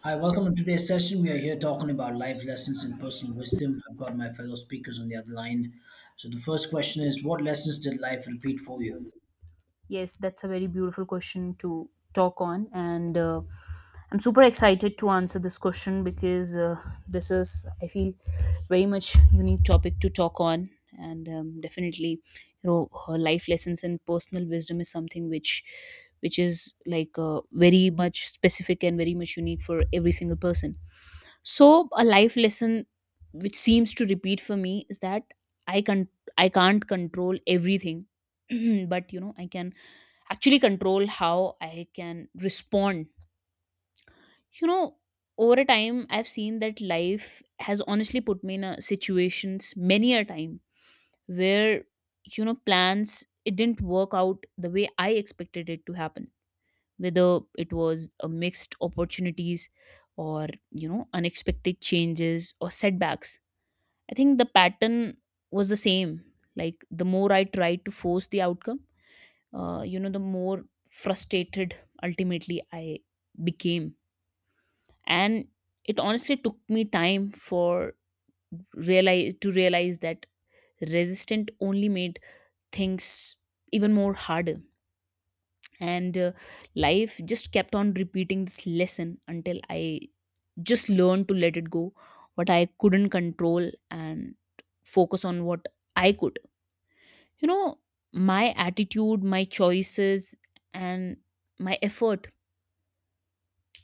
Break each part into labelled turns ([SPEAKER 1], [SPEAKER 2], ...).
[SPEAKER 1] Hi, welcome to today's session. We are here talking about life lessons and personal wisdom. I've got my fellow speakers on the other line. So, the first question is: what lessons did life repeat for you?
[SPEAKER 2] Yes, that's a very beautiful question to talk on, and I'm super excited to answer this question because this is, I feel, very much unique topic to talk on, and definitely, her life lessons and personal wisdom is something which is like very much specific and very much unique for every single person. So, a life lesson which seems to repeat for me is that I can I can't control everything, but you know, I can actually control how I can respond. You know, over a time, I've seen that life has honestly put me in a situations many a time where you know plans it didn't work out the way I expected it to happen. Whether it was a mixed opportunities or you know unexpected changes or setbacks, I think the pattern was the same. Like the more I tried to force the outcome you know the more frustrated ultimately I became and it honestly took me time for realize to realize that resistant only made things even more harder and life just kept on repeating this lesson until I just learned to let it go what I couldn't control and focus on what I could, you know, my attitude, my choices, and my effort.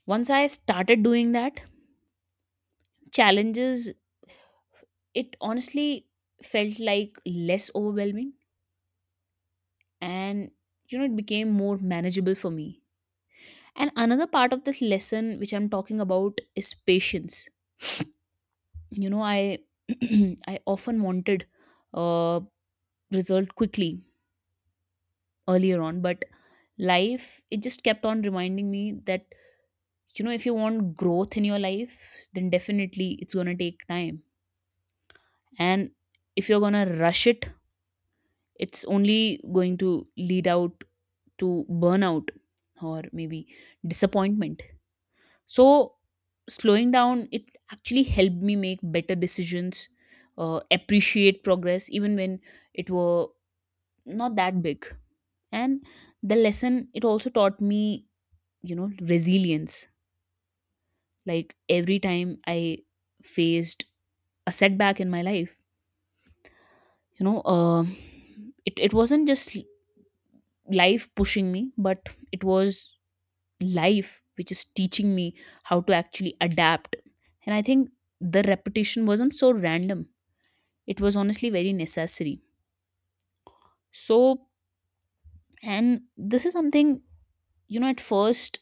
[SPEAKER 2] Once I started doing that, challenges, it honestly felt like less overwhelming and, you know, it became more manageable for me. And another part of this lesson which I'm talking about is patience. You know, I I often wanted uh result quickly earlier on, but life it just kept on reminding me that you know if you want growth in your life then definitely it's going to take time, and if you're going to rush it it's only going to lead out to burnout or maybe disappointment. So slowing down it actually helped me make better decisions, appreciate progress even when it were not that big. And the lesson it also taught me, you know, resilience. Like every time I faced a setback in my life, you know um it wasn't just life pushing me, but it was life which is teaching me how to actually adapt. And I think the repetition wasn't so random, it was honestly very necessary. So, and this is something, you know, at first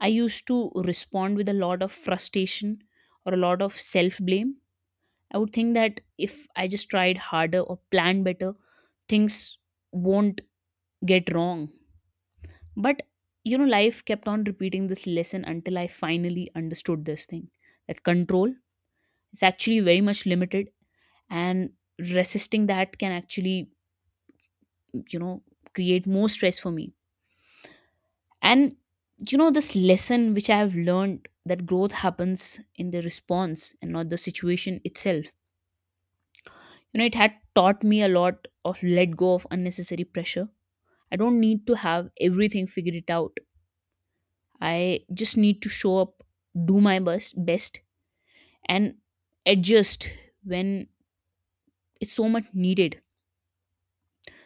[SPEAKER 2] I used to respond with a lot of frustration or a lot of self blame. I would think that if I just tried harder or planned better, things won't get wrong. But you know life kept on repeating this lesson until I finally understood this thing that control is actually very much limited, and resisting that can actually, you know, create more stress for me. And you know this lesson which I have learned that growth happens in the response and not the situation itself. You know it had taught me a lot of let go of unnecessary pressure. I don't need to have everything figured it out, I just need to show up, do my best, and adjust when it's so much needed.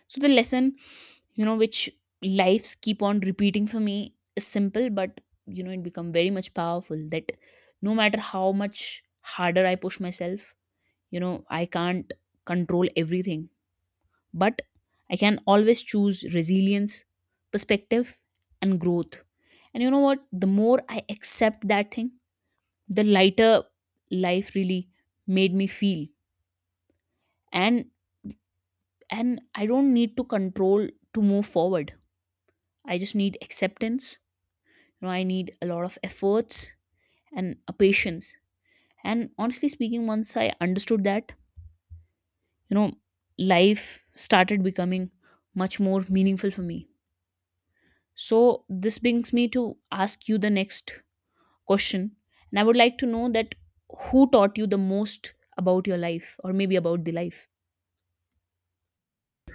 [SPEAKER 2] So the lesson, you know, which lives keep on repeating for me is simple, but you know, it become very much powerful that no matter how much harder I push myself, you know, I can't control everything, but I can always choose resilience, perspective, and growth. And you know what? The more I accept that thing, the lighter life really made me feel. And I don't need to control to move forward, I just need acceptance. You know I need a lot of efforts and a patience, and honestly speaking once I understood that, you know, life started becoming much more meaningful for me. So this brings me to ask you the next question, and I would like to know that who taught you the most about your life or maybe about the life.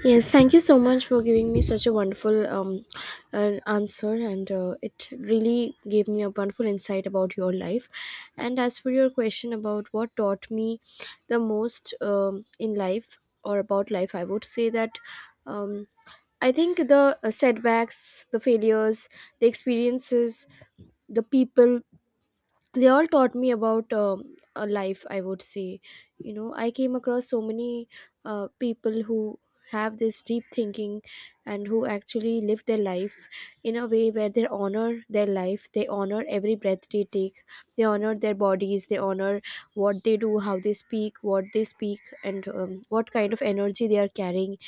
[SPEAKER 3] Yes, thank you so much for giving me such a wonderful an answer, and it really gave me a wonderful insight about your life. And as for your question about what taught me the most in life or about life, I would say that um, I think the setbacks, the failures, the experiences, the people, they all taught me about a life, I would say. You know, I came across so many people who have this deep thinking and who actually live their life in a way where they honor their life, they honor every breath they take, they honor their bodies, they honor what they do, how they speak, what they speak, and what kind of energy they are carrying.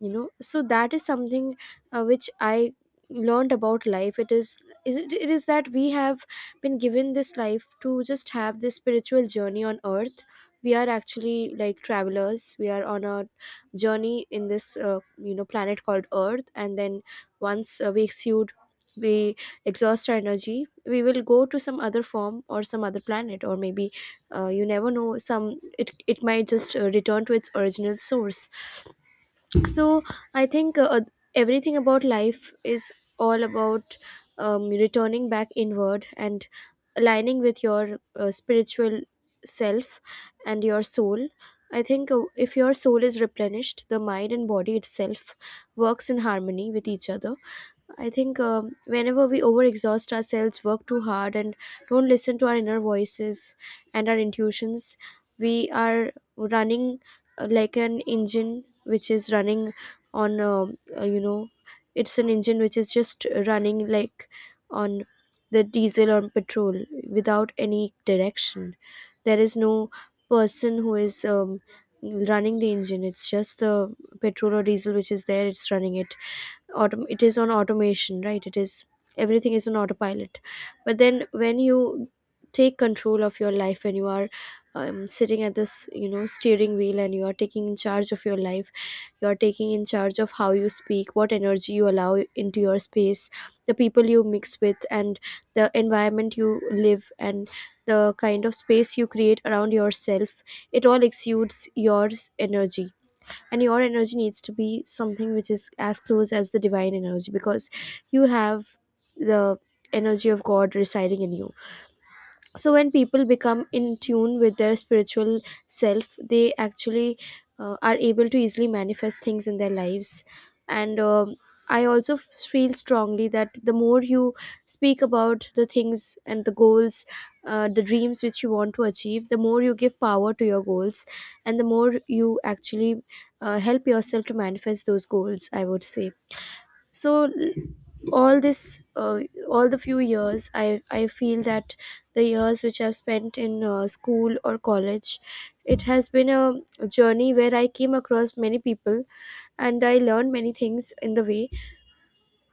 [SPEAKER 3] You know, so that is something which I learned about life. It is it is that we have been given this life to just have this spiritual journey on earth. We are actually like travelers, we are on a journey in this planet called earth, and then once we exude, we exhaust our energy, we will go to some other form or some other planet, or maybe you never know, some, it might just return to its original source. So I think everything about life is all about returning back inward and aligning with your spiritual self and your soul. I think if your soul is replenished, the mind and body itself works in harmony with each other. I think whenever we overexhaust ourselves, work too hard, and don't listen to our inner voices and our intuitions, we are running like an engine which is running on, it's an engine which is just running like on the diesel or petrol without any direction. There is no person who is running the engine, it's just the petrol or diesel which is there, it's running it. It is on automation, right, it is, everything is on autopilot. But then when you take control of your life, when you are sitting at this, you know, steering wheel, and you are taking in charge of your life, you are taking in charge of how you speak, what energy you allow into your space, the people you mix with, and the environment you live, and the kind of space you create around yourself, it all exudes your energy. And your energy needs to be something which is as close as the divine energy, because you have the energy of god residing in you. So when people become in tune with their spiritual self, they actually are able to easily manifest things in their lives. And I also feel strongly that the more you speak about the things and the goals, the dreams which you want to achieve, the more you give power to your goals, and the more you actually help yourself to manifest those goals, I would say. So all this, all the few years, I feel that the years which I've spent in school or college, it has been a journey where I came across many people and I learned many things in the way,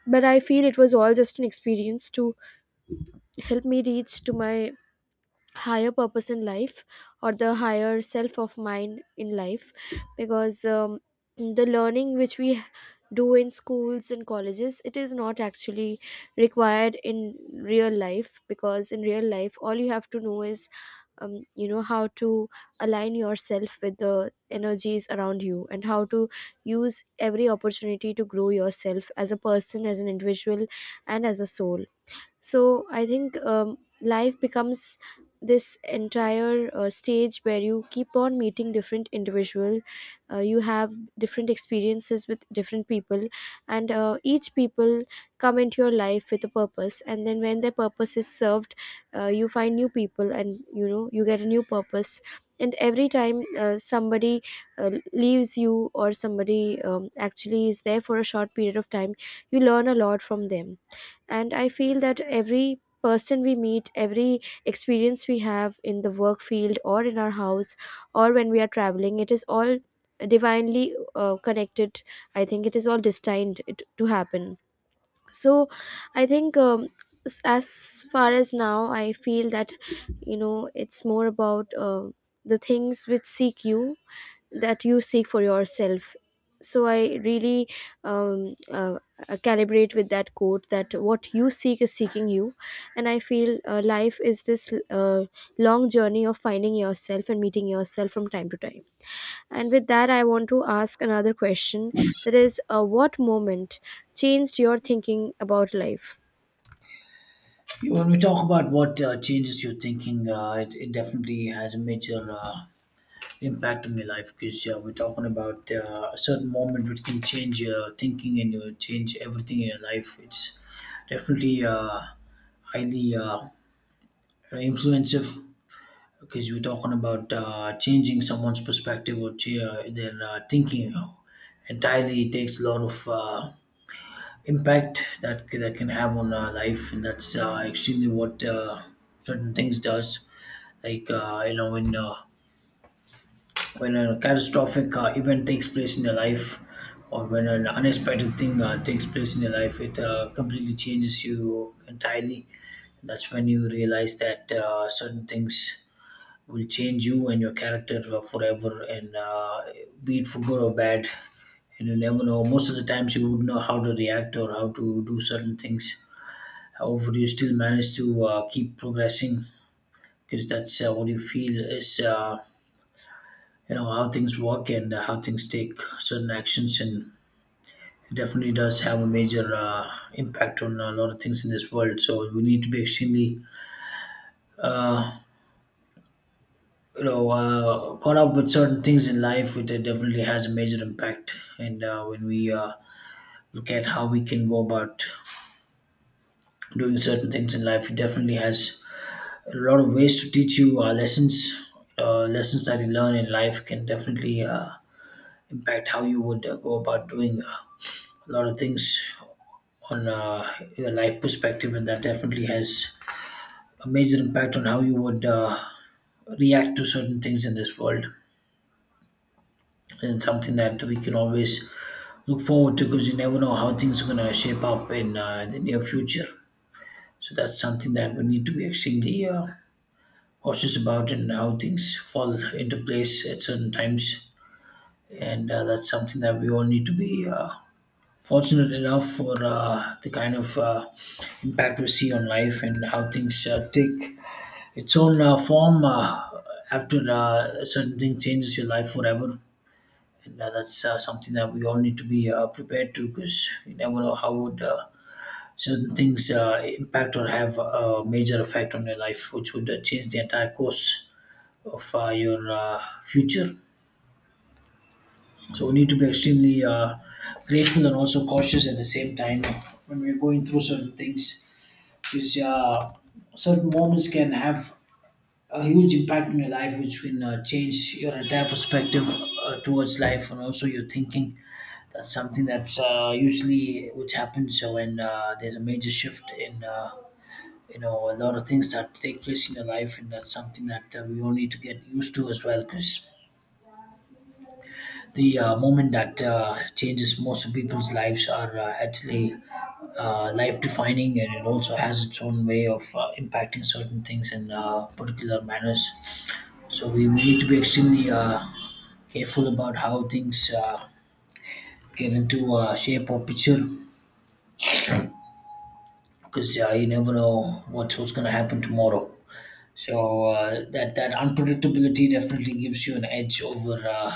[SPEAKER 3] but I feel it was all just an experience to help me reach to my higher purpose in life, or the higher self of mine in life. Because the learning which we do in schools and colleges, it is not actually required in real life, because in real life all you have to know is you know how to align yourself with the energies around you, and how to use every opportunity to grow yourself as a person, as an individual, and as a soul. So I think life becomes this entire stage where you keep on meeting different individual, you have different experiences with different people, and each people come into your life with a purpose, and then when their purpose is served, you find new people, and you know, you get a new purpose. And every time somebody leaves you, or somebody actually is there for a short period of time, you learn a lot from them. And I feel that every person we meet, every experience we have in the work field or in our house, or when we are traveling, it is all divinely connected. I think it is all destined to happen. So I think as far as now I feel that, you know, it's more about the things which seek you, that you seek for yourself. So I really, um, uh, calibrate with that quote that what you seek is seeking you. And I feel life is this long journey of finding yourself and meeting yourself from time to time. And with that, I want to ask another question, that is, what moment changed your thinking about life?
[SPEAKER 1] Yeah. When we talk about what changes your thinking, it definitely has a major impact on your life, because we're talking about a certain moment which can change your thinking and you change everything in your life. It's definitely highly influencing, because you're talking about changing someone's perspective or their thinking entirely. It takes a lot of impact that that can have on our life, and that's extremely what certain things does. Like you know when a catastrophic event takes place in your life, or when an unexpected thing takes place in your life, it completely changes you entirely. That's when you realize that certain things will change you and your character forever, and be it for good or bad. And you never know, most of the times you would know how to react or how to do certain things. However, you still manage to keep progressing, because that's what you feel is how things work, and how things take certain actions. And it definitely does have a major impact on a lot of things in this world, so we need to be extremely uh, caught up with certain things in life. It definitely has a major impact. And when we look at how we can go about doing certain things in life, it definitely has a lot of ways to teach you lessons. Lessons that you learn in life can definitely impact how you would go about doing a lot of things on your life perspective, and that definitely has a major impact on how you would react to certain things in this world, and something that we can always look forward to, because you never know how things are going to shape up in the near future. So that's something that we need to be extremely cautious about, and how things fall into place at certain times. And that's something that we all need to be fortunate enough for the kind of impact we see on life, and how things take its own form after certain thing changes your life forever. And that's something that we all need to be prepared to, because you never know how would certain things impact or have a major effect on your life, which would change the entire course of your future. So we need to be extremely grateful and also cautious at the same time when we're going through certain things, because certain moments can have a huge impact on your life, which can change your entire perspective towards life and also your thinking. That's something that's usually which happens when there's a major shift in you know a lot of things that take place in your life, and that's something that we all need to get used to as well, because the moment that changes most of people's lives are actually life defining, and it also has its own way of impacting certain things in particular manners. So we need to be extremely careful about how things get into shape or picture, because you never know what's going to happen tomorrow. So that unpredictability definitely gives you an edge over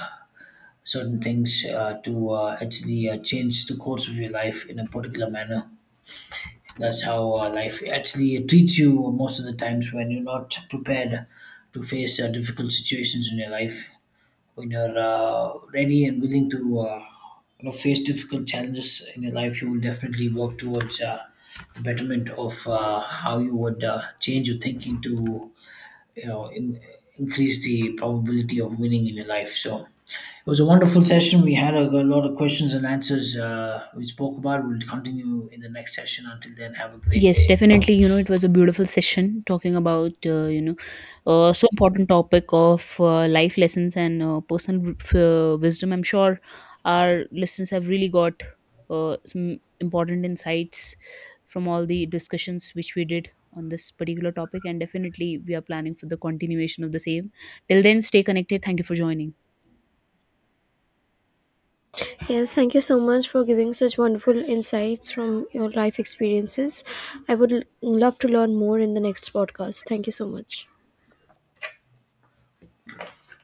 [SPEAKER 1] certain things to actually change the course of your life in a particular manner. That's how life actually treats you most of the times, when you're not prepared to face difficult situations in your life. When you're ready and willing to face difficult challenges in your life, you will definitely work towards the betterment of how you would change your thinking to you know in, increase the probability of winning in your life. So it was a wonderful session. We had a lot of questions and answers we spoke about. We'll continue in the next session. Until then, have a great
[SPEAKER 2] Yes,
[SPEAKER 1] day.
[SPEAKER 2] definitely. You know, it was a beautiful session talking about, you know, so important topic of life lessons and uh, personal wisdom. I'm sure our listeners have really got some important insights from all the discussions which we did on this particular topic. And definitely, we are planning for the continuation of the same. Till then, stay connected. Thank you for joining.
[SPEAKER 3] Yes, thank you so much for giving such wonderful insights from your life experiences. I would love to learn more in the next podcast. Thank you so much.